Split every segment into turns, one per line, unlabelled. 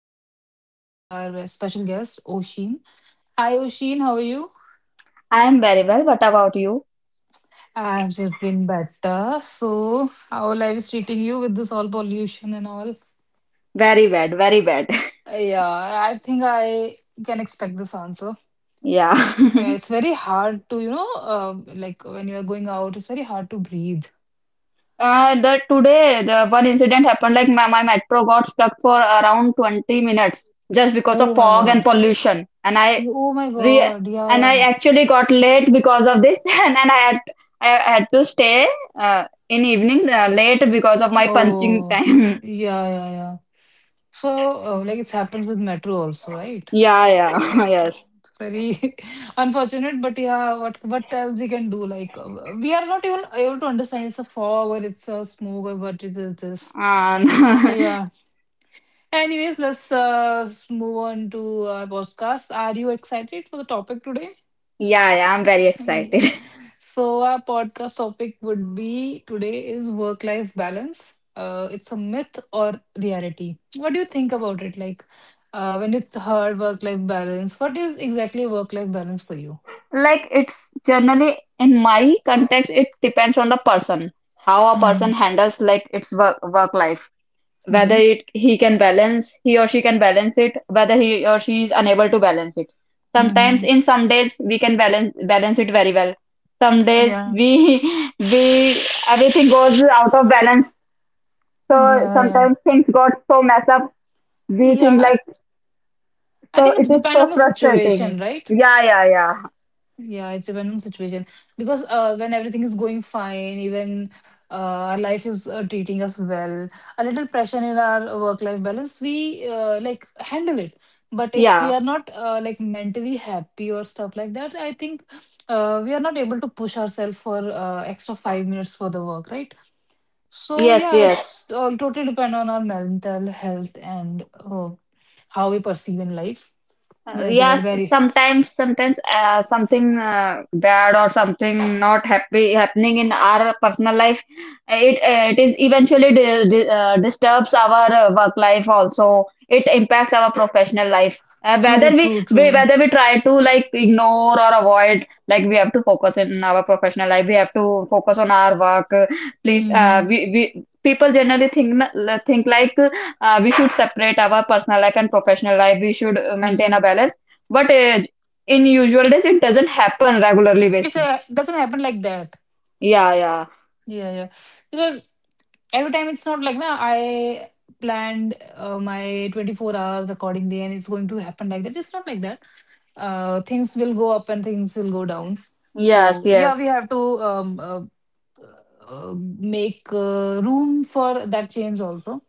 Welcoming our special guest, Oshin. Hi, Oshin. How are you?
I am very well. What about you?
I've just been better. So, how life is treating you with this all pollution and all?
Very bad, very bad.
Yeah, I think I can expect this answer.
Yeah.
Yeah, it's very hard to, like when you're going out, it's very hard to breathe.
The today the one incident happened, like my, metro got stuck for around 20 minutes just because of
Oh my
fog and
God.
pollution.
Oh my
Re
God. Yeah,
and I
yeah.
actually got late because of this. And I had to stay, in evening, late because of my punching
Oh,
time.
yeah, yeah, yeah. So, like it's happened with metro also, right?
Yeah, yeah, yes.
It's very unfortunate, but yeah, what else we can do? Like we are not even able to understand it's a fog or it's a smoke or what it is this.
And
So yeah. Anyways, let's move on to our podcast. Are you excited for the topic today?
yeah, yeah, I'm very
Yeah.
excited.
So our podcast topic would be today is work-life balance. It's a myth or reality. What do you think about it? Like, when you heard work-life balance, what is exactly work-life balance for you?
Like, it's generally in my context, it depends on the person, how a
Mm-hmm.
person handles like its work life, whether
Mm-hmm.
it he can balance, he or she can balance it, whether he or she is unable to balance it. Sometimes
Mm-hmm.
in some days we can balance it very well. Some days
Yeah.
we we, everything goes out of balance. So
Yeah. Yeah.
sometimes things got so messed up. We think
Yeah. I
like,
I
so
think
it
it's
is
depend on
so
the
frustrating.
situation, right?
Yeah, yeah, yeah.
Yeah, it depends on situation. Because when everything is going fine, even uh, our life is treating us well, a little pressure in our work-life balance, we like handle it. But if we
Yeah.
are not like mentally happy or stuff like that, I think we are not able to push ourselves for extra 5 minutes for the work, right? So
Yes,
yeah,
yes.
it's totally depend on our mental health and how we perceive in life. Very well,
Yes,
very
sometimes, something, bad or something not happy happening in our personal life, it is eventually di di disturbs our work life also. It impacts our professional life. Uh, whether
true,
we,
true,
we
true.
whether we try to like ignore or avoid, like we have to focus in our professional life. We have to focus on our work. Please,
Hmm.
we people generally think, like we should separate our personal life and professional life. We should maintain a balance, but in usual days it doesn't happen regularly
It
basis.
doesn't happen like that.
Yeah, yeah.
Yeah, yeah. Because every time it's not like, na, I planned my 24 hours accordingly and it's going to happen like that. It's not like that. Things will go up and things will go down.
Yes,
So,
yes.
yeah, we have to make room for that change also.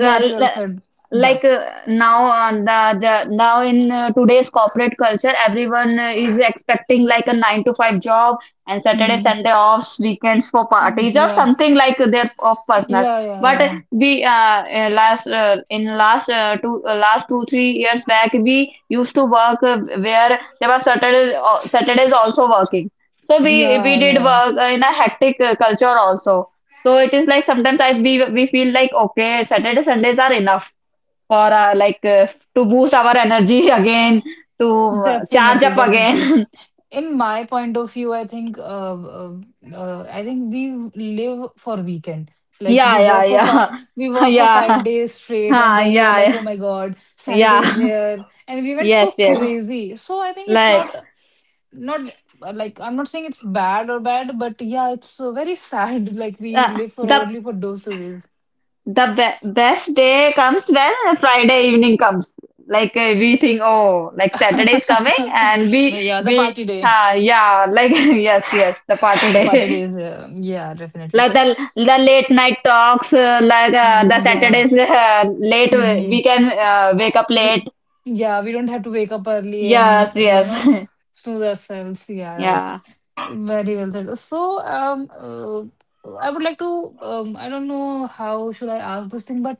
well
l-
said. Yeah.
like now the now in Today's corporate culture, everyone is expecting like a 9 to 5 job and Saturday
Mm-hmm.
Sunday offs, weekends for parties or
Yeah.
something like their of personal.
Yeah, yeah,
But
yeah.
we last in last two last 2-3 years back, we used to work, where there was Saturdays, also working. So we
Yeah,
did
yeah.
work, in a hectic, culture also. So it is like sometimes I we feel like, okay, Saturday Sundays are enough for, to boost our energy again, to charge
Definitely,
up
definitely.
again.
In my point of view, uh, I think we live for weekend. Like
Yeah,
we
yeah,
work for five,
yeah,
we work for
yeah.
5 days straight, and
Ha,
then we were
yeah,
like, oh
yeah,
my God, Saturday is here, and we went so
yes, yes.
crazy. So I think it's
Like,
not like I'm not saying it's bad or bad, but yeah, it's very sad. Like we
uh,
live for
the
only for those 2 days.
the be best day comes when Friday evening comes. Like, we think, oh, like Saturday is coming, and
No,
we
yeah,
we uh, yeah, like yes, yes, the party
the party day
day.
is yeah, definitely.
Like, the
S-
the late night talks, the
mhm, yeah.
Saturdays, late
Mm-hmm.
we can wake up
We,
late.
yeah, we don't have to wake up early
Yes,
and, you
yes.
know, snooze ourselves. Yeah, right.
Yeah.
Very well said. So, I would like to, I don't know how should I ask this thing, but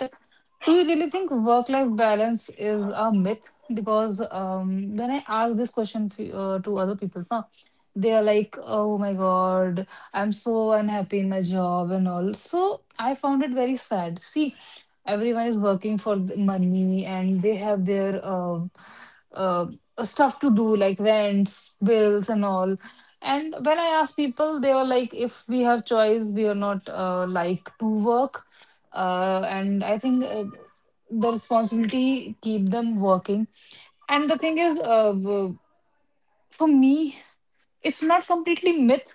do you really think work-life balance is a myth? Because when I ask this question to other people, now they are like, "Oh my God, I'm so unhappy in my job and all." So I found it very sad. See, everyone is working for the money and they have their stuff to do like rents bills and all, and when I asked people they were like, if we have choice we are not like to work, and I think the responsibility keep them working, and the thing is for me it's not completely myth,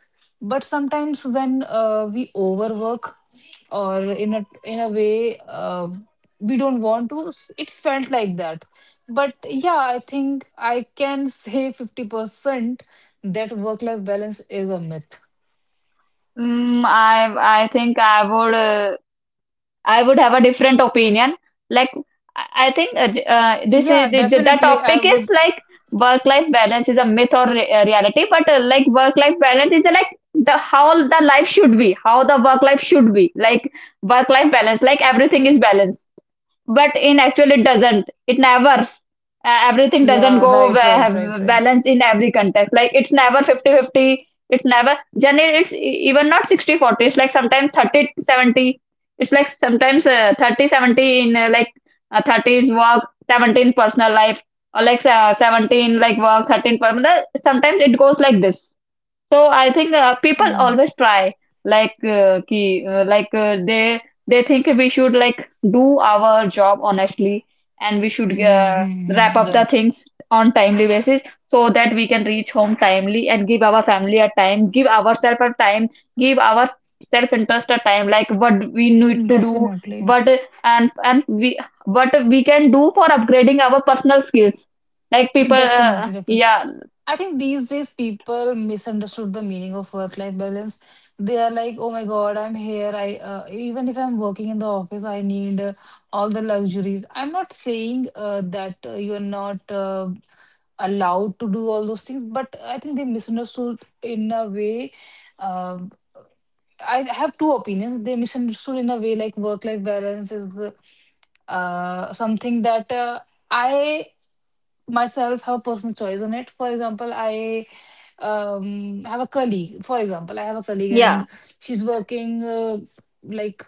but sometimes when we overwork or in a way we don't it felt like that, but yeah, I think I can say 50% that work life balance is a myth.
Mm, I think, I would have a different opinion. Like, I think, this
Yeah,
is the
definitely, I
topic is
would.
like work life balance is a myth or reality. But like, work life balance is, like, the how the life should be, how the work life should be, like work life balance, like everything is balanced. But in actual it doesn't, it never, everything doesn't
Yeah,
go
right, right, right, right.
balance in every context. Like, it's never 50-50. 50. It's never, generally, it's even not 60-40. It's like sometimes 30-70. It's like sometimes, 30 70 in, 30 is work, 17 personal life. Or, 17 like work, 13 personal. Sometimes it goes like this. So I think, people
Mm.
always try, like ki, like they think we should like do our job honestly, and we should
Mm-hmm, mm-hmm,
wrap
mm-hmm,
up the
right.
things on timely basis, so that we can reach home timely and give our family a time, give ourselves a time, give our self-interest a time, like what we need to do,
Definitely.
what and and we what we can do for upgrading our personal skills. Like
Yeah,
people,
definitely, definitely.
yeah,
I think these days people misunderstood the meaning of work-life balance. They are like, "Oh my God, I'm here. I even if I'm working in the office, I need all the luxuries." I'm not saying that you're not allowed to do all those things, but I think they misunderstood in a way. Um, I have two opinions. They misunderstood in a way like work-life balance is the something that I myself have a personal choice on it. For example, I have a colleague. For example, I have a colleague
yeah.
and she's working uh, like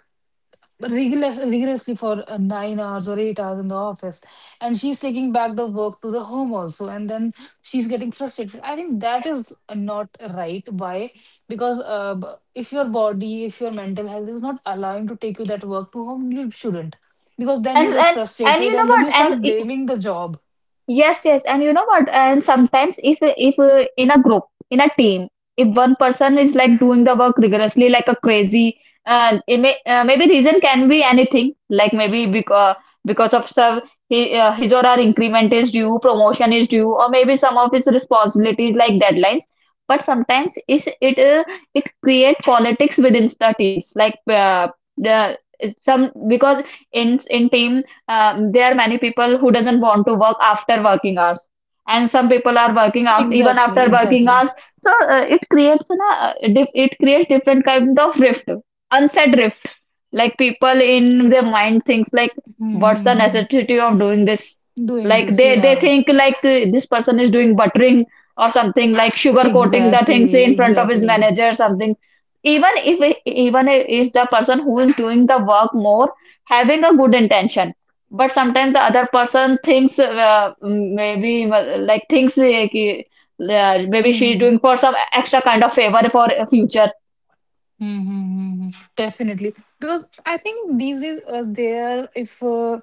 rigorous, rigorously for 9 hours or 8 hours in the office, and she's taking back the work to the home also, and then she's getting frustrated. I think that is not right. Why? Because if your body, if your mental health is not allowing to take you that work to home, you shouldn't. Because then
and
you get
and and you
frustrated
know
and then
what,
you start blaming the job.
yes, yes. And you know what, and sometimes if in a group, in a team, if one person is like doing the work rigorously like a crazy. It may, maybe reason can be anything, like maybe because of some, his or her increment is due, promotion is due, or maybe some of his responsibilities like deadlines. But sometimes is it, it create politics within the teams, like the some because in team, there are many people who doesn't want to work after working hours, and some people are working after even after
Exactly,
working
exactly.
hours. So it creates an, dif- it creates different kind of rift, unsaid rift. Like, people in their mind thinks like, what's the
Mm-hmm.
necessity of doing this.
Doing
Like,
this,
they
yeah.
think like, this person is doing buttering, or something like sugar coating the things
Exactly,
in front of his
exactly.
manager or something. Even if the person who is doing the work more, having a good intention, but sometimes the other person thinks, maybe, maybe she's
Mm-hmm.
doing for some extra kind of favor for a future.
Mm-hmm. Definitely, because I think these is there. If uh,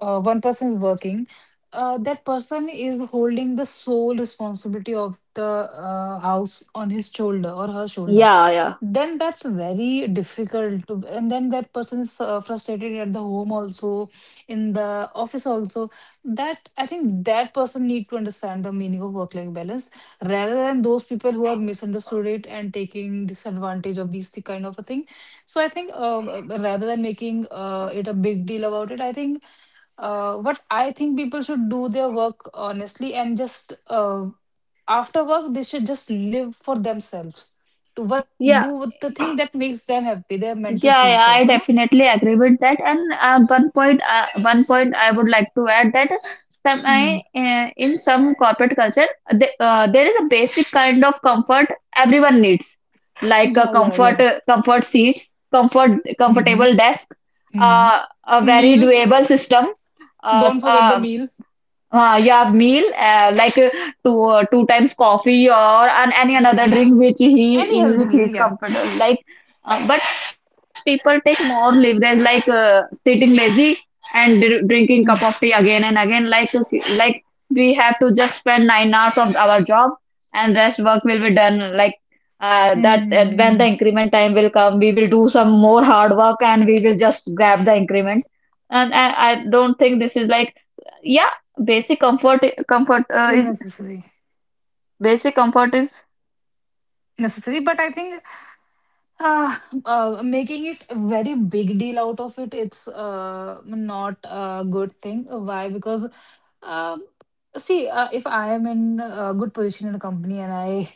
uh, one person is working, that person is holding the sole responsibility of the house on his shoulder or her shoulder.
Yeah.
Then that's very difficult, to, and then that person is frustrated at the home also, in the office also. That, I think that person need to understand the meaning of work-life balance rather than those people who have misunderstood it and taking disadvantage of these kind of a thing. So I think rather than making it a big deal about it, I think what I think people should do their work honestly and just after work they should just live for themselves. To what do
Yeah.
with the thing that makes them happy, their mental
Yeah,
peace
yeah, I
also, na?
definitely agree with that. And one point I would like to add, that
Hmm.
in some corporate culture, there is a basic kind of comfort everyone needs, like a
Yeah, yeah,
comfort,
yeah.
comfort seats,
Mm-hmm.
comfortable desk,
Mm-hmm.
a very
Meal.
doable system, uh,
Don't
s-
forget the
uh,
meal.
yeah, meal, two times coffee or and any another
Mhm.
drink which
Any
he, in
healthy
which
meal,
he is
yeah.
comfortable, like, but sometimes people take more leverage, like sitting lazy and drinking cup
Mm.
of tea again and again, like, like we have to just spend 9 hours of our job and rest work will be done, like, that
Mm-hmm.
when the
Hmm, hmm.
increment time will come, we will do some more hard work and we will just grab the increment. And I don't think this is like, yeah, basic comfort, comfort
Is
is
necessary,
basic comfort is...
necessary, but I think uh, making it a very big deal out of it, it's not a good thing. Why? Because um, see, if I am in a good position in a company and I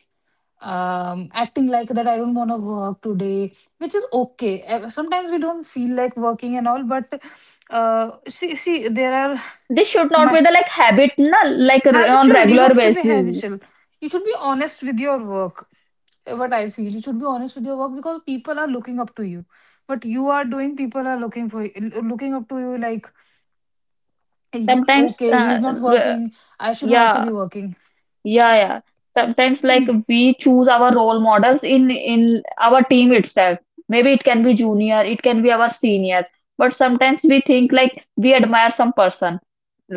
acting like that, I don't want to work today, which is okay. Sometimes we don't feel like working and all, but see there are
This should not be
my
the like habit, na, like, on
habitual, you
regular
don't should be
basis
habitual, you should be honest with your work, what I feel. You should be honest with your work because people are looking up to you. What you are doing, people are looking up to you. Like, "He-
sometimes,
okay, he's not
r-
working. I should also
yeah.
be working.
Yeah, yeah. Sometimes, like we choose our role models in our team itself. Maybe it can be junior, it can be our senior, but sometimes we think like we admire some person,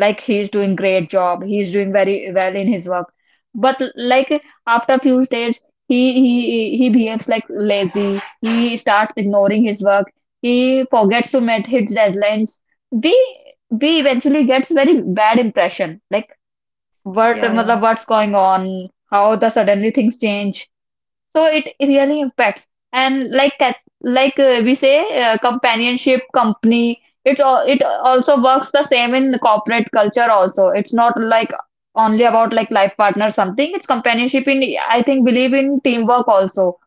like he's doing great job, he's doing very well in his work. But like after few days, he behaves like lazy. He starts ignoring his work. He forgets to meet his deadlines. We we eventually gets very bad impression. Like, what
Yeah, yeah,
matlab, what's going on, how the suddenly things change. So it really impacts. And like, like we say, companionship, company, it also works the same in corporate culture also. It's not like only about like life partner something. It's companionship in, I think, believe in teamwork also.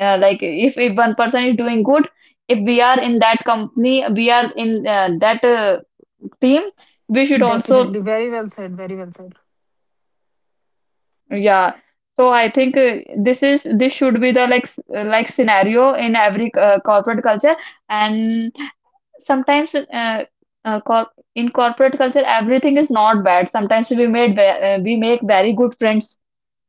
Like, if one person is doing good, if we are in that company, we are in that team, we should also...
definitely. Very well said. Very well said.
Yeah. So I think, this should be the like, like scenario in every corporate culture. And sometimes, cor in corporate culture, everything is not bad. Sometimes we make very good friends,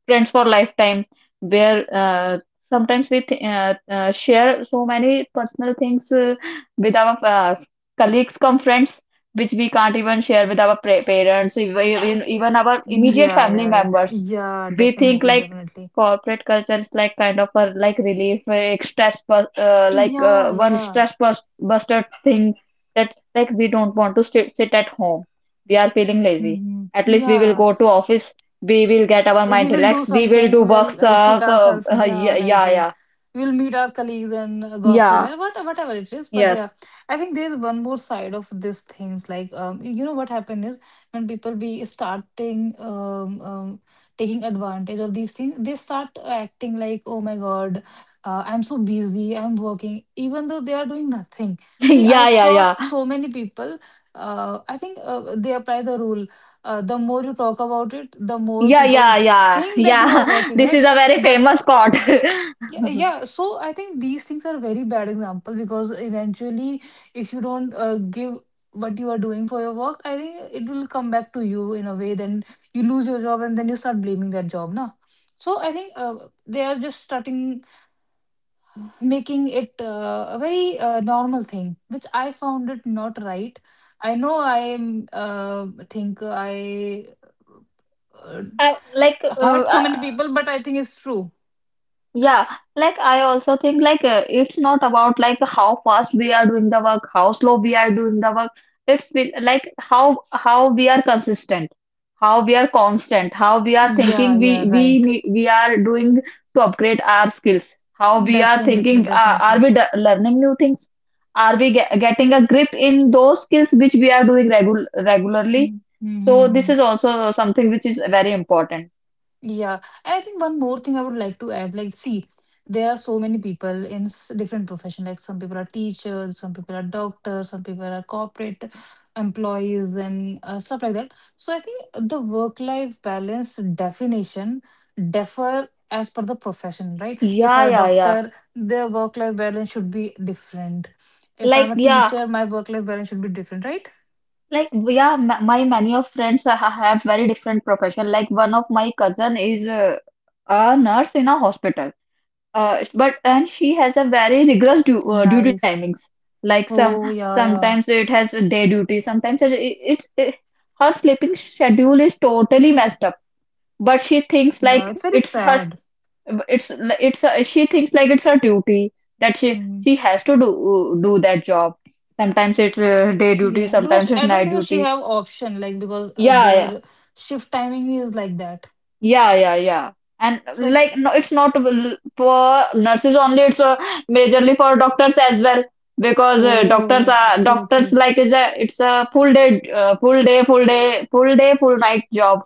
for lifetime, where sometimes we th share so many personal things, with our colleagues, come friends, which we can't even share with our parents, even, our immediate
Yeah,
family
yeah, yeah,
members.
yeah.
We think
Definitely,
like
definitely.
corporate culture is like kind of a like relief, a stress,
Yeah,
one
yeah.
stress buster thing, that like we don't want to sit at home. We are feeling lazy.
Hmm.
At least we will
Yeah.
go to office, we will get our
We
mind
will do
relaxed. We will do
something, we'll
works.
uh, kick ourselves, yeah,
Yeah,
right,
yeah,
right,
yeah,
we'll meet our colleagues and gossip
yeah,
and what, whatever it is, but yeah,
yes,
I think there's one more side of these things, like you know what happened is, when people be starting taking advantage of these things, they start acting like, oh my god, I'm so busy, I'm working, even though they are doing nothing. see i
yeah, yeah,
saw f-
yeah,
so many people, I think they apply the rule, the more you talk about it, the more
yeah,
people
yeah,
s-
yeah,
think that you
yeah.
are working,
This is
right?
a very
That
famous spot.
yeah, yeah. So I think these things are very bad example, because eventually, if you don't give what you are doing for your work, I think it will come back to you in a way. Then you lose your job and then you start blaming that job, now. So I think they are just starting making it a very normal thing, which I found it not right. I know I am think I uh,
Uh, like, uh,
hurt so many people, but I think it's true.
Yeah, like I also think like, it's not about like how fast we are doing the work, how slow we are doing the work. It's been like how we are consistent, how we are constant, how we are
Yeah,
thinking
yeah, right.
we are doing to upgrade our skills, how we are
Definitely,
thinking, are
definitely.
we d learning new things? Are we ge getting a grip in those skills which we are doing regularly? So this
Mm-hmm.
is also something which is very important.
Yeah, and I think one more thing I would like to add, like, see, there are so many people in different profession. Like, some people are teachers, some people are doctors, some people are corporate employees, and stuff like that. So I think the work-life balance definition differ as per the profession, right? If
Yeah,
I'm a
yeah, yeah.
doctor, their work-life balance should be different. If
Like,
I'm a
yeah.
teacher, my work-life balance should be different, right?
Like, yeah, my many of friends have very different profession. Like, one of my cousin is a nurse in a hospital. But and she has a very rigorous du duty
Nice.
timings. Like some
Oh, yeah, yeah.
sometimes it has a day duty, sometimes it, it, it's- it her sleeping schedule is totally messed up. But she thinks
Yeah,
like
it's very sad.
it's she thinks like it's her duty that
Hmm.
she has to do that job. Sometimes it's day duty,
Yeah, because
sometimes it's
I don't
night
think she
duty,
have option, like, because
yeah, yeah,
their shift timing is like that.
yeah, yeah, yeah. And
So I,
like, no, it's not l- for nurses only. It's majorly for doctors as well because doctors
oh,
are
okay,
doctors
okay.
like is a it's a full day, full day, full night job.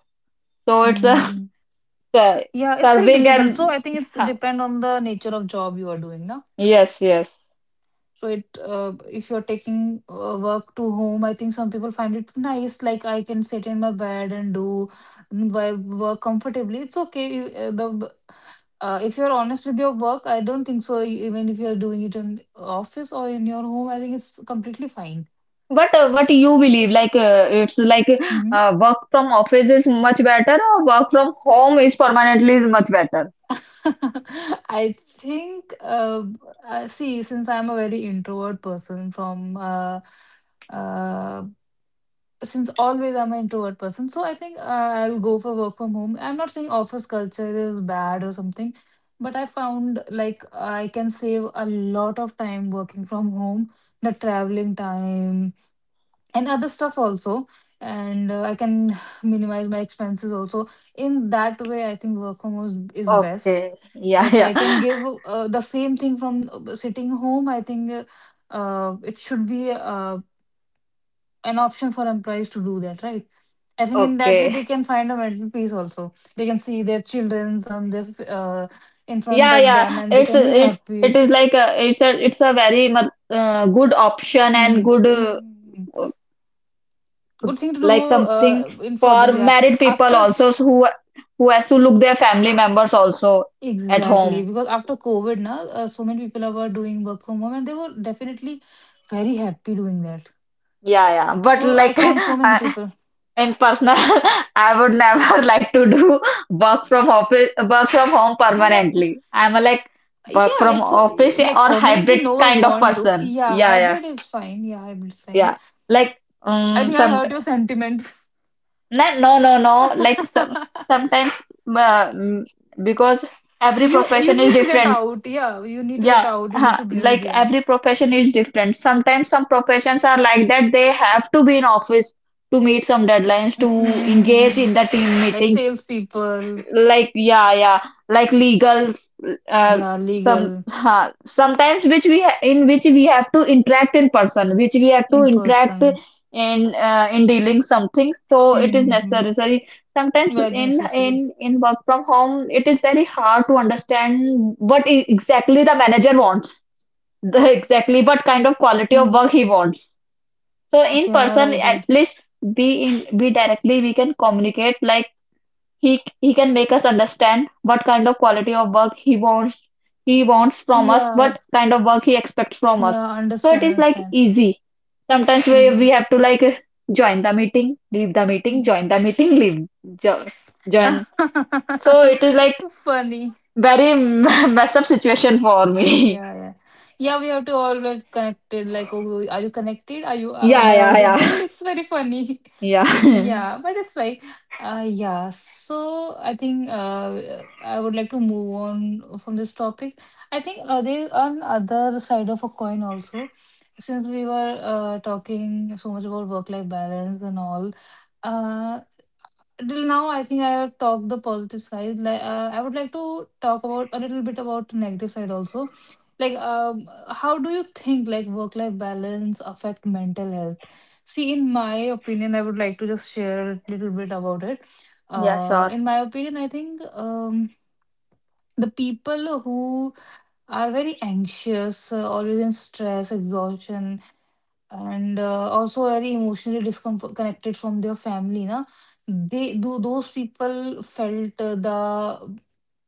So it's a
Hmm.
uh,
Yeah, it's very
serving
difficult. So
and
I think it's
ha,
depend on the nature of job you are doing, now.
yes, yes.
So it if you're taking work to home, I think some people find it nice. Like I can sit in my bed and do my work comfortably. It's okay. You- the If you're honest with your work, I don't think so. Even if you're doing it in office or in your home, I think it's completely fine.
But what you believe? Like it's like
hmm
Work from office is much better, or work from home is permanently is much better.
I think, see, since I'm a very introvert person uh, since always I'm an introvert person, so I think I'll go for work from home. I'm not saying office culture is bad or something, but I found like I can save a lot of time working from home, the traveling time and other stuff also. And I can minimize my expenses also. In that way, I think work from home is best
Okay, yeah,
if
yeah.
I can give the same thing from sitting home. I think it should be an option for employees to do that, right? I think in that way
Okay.
they can find a mental peace also. They can see their childrens on their in front
Yeah,
of them
yeah.
and they can be
It
happy.
is like a it's a it's a very good option and
Mhm.
good,
Mhm.
uh,
Good thing to
like
do
something
in
for
further, yeah.
married people
after
also, so who has to look their family members also at
Exactly,
home.
because after COVID now so many people were doing work from home and they were definitely very happy doing that.
Yeah, yeah. But
So I
like
found so many
uh,
people.
in personal, I would never like to do work from office, work from home
Oh my.
permanently. I'm a like work
Yeah,
from
it's
office
like
or
permanently
hybrid
no one
kind of
want to.
person.
Yeah,
Yeah, yeah,
hybrid is fine. Yeah, hybrid is fine.
yeah. Like
I think I hurt your
sometimes.
sentiments.
No, no, no, no. Like sometimes, uh, mm, because every
You
profession is
need to get
different.
out. Yeah, you need to get
Yeah,
out. You need
huh.
to breathe.
Like
Yeah.
every profession is different. Sometimes some professions are like that. They have to be in office to meet some deadlines,
Mm-hmm.
to engage
Mm-hmm.
in the team
Like
meetings,
salespeople.
like yeah, yeah, like legals, uh,
Yeah,
some
legal.
sometimes in which we have to interact in person, which we have to
In
interact
person.
in dealing something, so it is
Mm-hmm.
necessary sometimes
Very
in
necessary.
in in work from home. It is very hard to understand what exactly the manager wants, the exactly what kind of quality of work he
Mm-hmm.
wants. So in
Yeah,
person
right,
at
right.
least be directly we can communicate. Like he can make us understand what kind of quality of work he wants, he wants from us,
Yeah,
what kind of work he expects from us.
yeah.
So it
Understand,
is like
understand.
easy. Sometimes we
Mm-hmm.
we have to like join the meeting, leave the meeting, join the meeting, leave jo join. So it is like
Funny.
very mess up situation for me.
Yeah, yeah. Yeah, we have to always connected. Like, oh, are you connected? Are you, am
Yeah,
I
yeah,
audible?
yeah.
It's very funny.
Yeah.
Yeah, but it's like, yeah. So I think I would like to move on from this topic. I think there on other side of a coin also, since we were talking so much about work-life balance and all. Uh, Till now I think I have talked the positive side. Like I would like to talk about a little bit about the negative side also. Like how do you think like work life balance affect mental health? See in my opinion I would like to just share a little bit about it.
Yeah, sure.
In my opinion I think the people who are very anxious, always in stress, exhaustion, and also very emotionally disconnected from their family na, they do those people felt the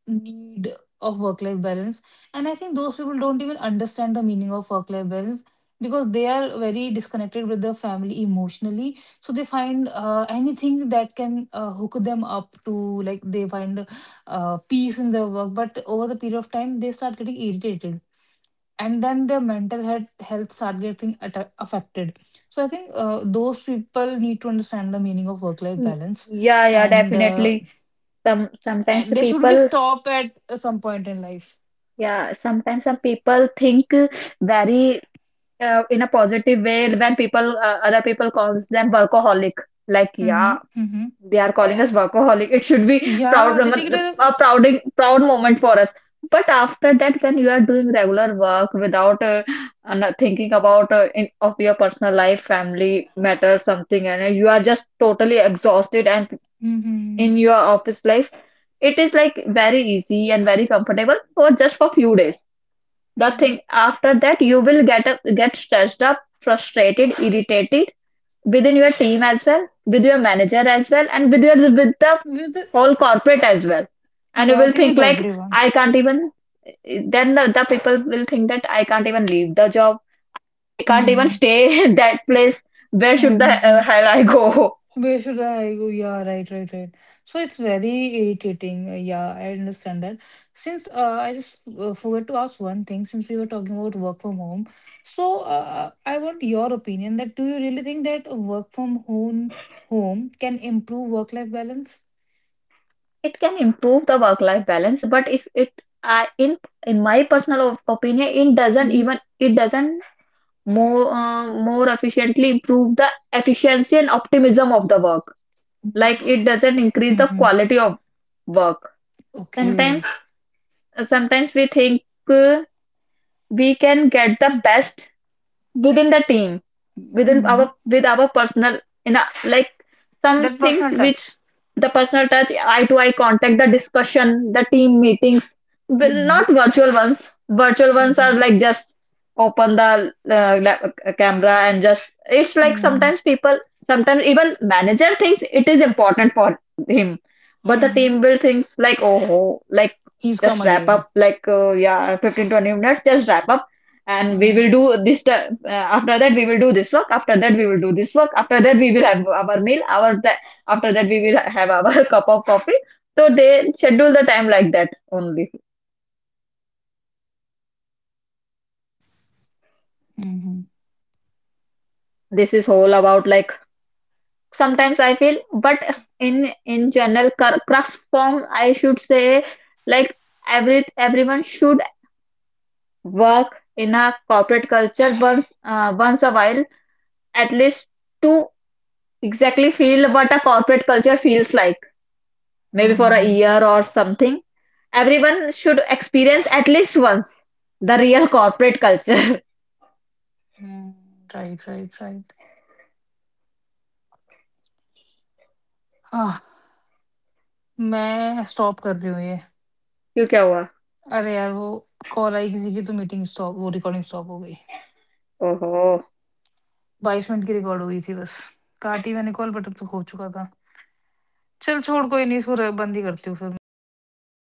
need of work-life balance. And I think those people don't even understand the meaning of work-life balance because they are very disconnected with the family emotionally. So they find anything that can hook them up to like they find peace in their work. But over the period of time, they start getting irritated and then their mental health start getting atta affected. So I think those people need to understand the meaning of work life
Mm,
balance
Yeah, yeah,
and uh,
definitely. Sometimes the
and they should be
people,
stopped at some point in life.
yeah, sometimes some people think very, in a positive way, when people, other people calls them workaholic, like
Mm-hmm.
yeah.
Mm-hmm.
They are calling us workaholic, it should be proud
Yeah, they take
moment-
it.
a proud, proud moment for us. But after that, when you are doing regular work without, not thinking about, of your personal life, family matter something, and you are just totally exhausted and
Mm-hmm.
in your office life, it is like very easy and very comfortable for just for few days, the
Mm-hmm.
thing. After that you will get stressed up, frustrated, irritated within your team as well, with your manager as well, and with your with the
With
whole corporate as well. And you
Yeah, I
will
think
think
with
like,
everyone.
I can't even. Then the people will think that I can't even leave the job. I can't even
Hmm.
stay in that place. Where should the
Mm-hmm.
hell I go?
Where should I go? Yeah, right, right, right. So it's very irritating. Yeah, I understand that. Since I just forgot to ask one thing, since we were talking about work from home, so I want your opinion that do you really think that work from home can improve work-life balance?
It can improve the work-life balance, but it's, it I in my personal opinion, it doesn't even, it doesn't more, more efficiently improve the efficiency and optimism of the work. Like it
Mm.
doesn't increase the
Mhm.
quality of work.
Okay.
Sometimes, sometimes we think, uh, we can get the best within the team, within
Mhm.
our, with our personal, in a, like some
That
things
personal
which,
touch.
the personal touch, eye to eye contact, the discussion, the team meetings, but
Mhm.
not virtual ones. Virtual ones are
Mhm.
like just open the camera and just, it's like
Mhm.
sometimes people, sometimes even manager thinks it is important for him, but the
Mhm.
team will think like, oh, like
He's come
just wrap
again.
up, like, yeah, 15-20 minutes, just wrap up. And we will do this. After that, we will do this work. After that, we will do this work. After that, we will have our meal. Our, after that, we will have our cup of coffee. So they schedule the time like that only.
Hmm, hmm,
This is whole about like sometimes I feel, but in general crux form, I should say like every everyone should work in a corporate culture, once, once a while, at least, to exactly feel what a corporate culture feels like. Maybe
hmm,
for a
hmm,
year or something. Everyone should experience at least once the real corporate culture.
Hmm, right, right, right. Ah! मैं stop कर रही हूँ ये।
क्यों क्या हुआ?
अरे यार वो कॉल आई किसी की तो मीटिंग स्टॉप वो रिकॉर्डिंग स्टॉप हो गई।
Oh ho!
22 मिनट की रिकॉर्ड हुई थी बस। काटी मैंने कॉल बट अब तो हो चुका था। चल छोड़ कोई नहीं इसको र बंद ही करती हूँ फिर मैं, क्या ही करूँ।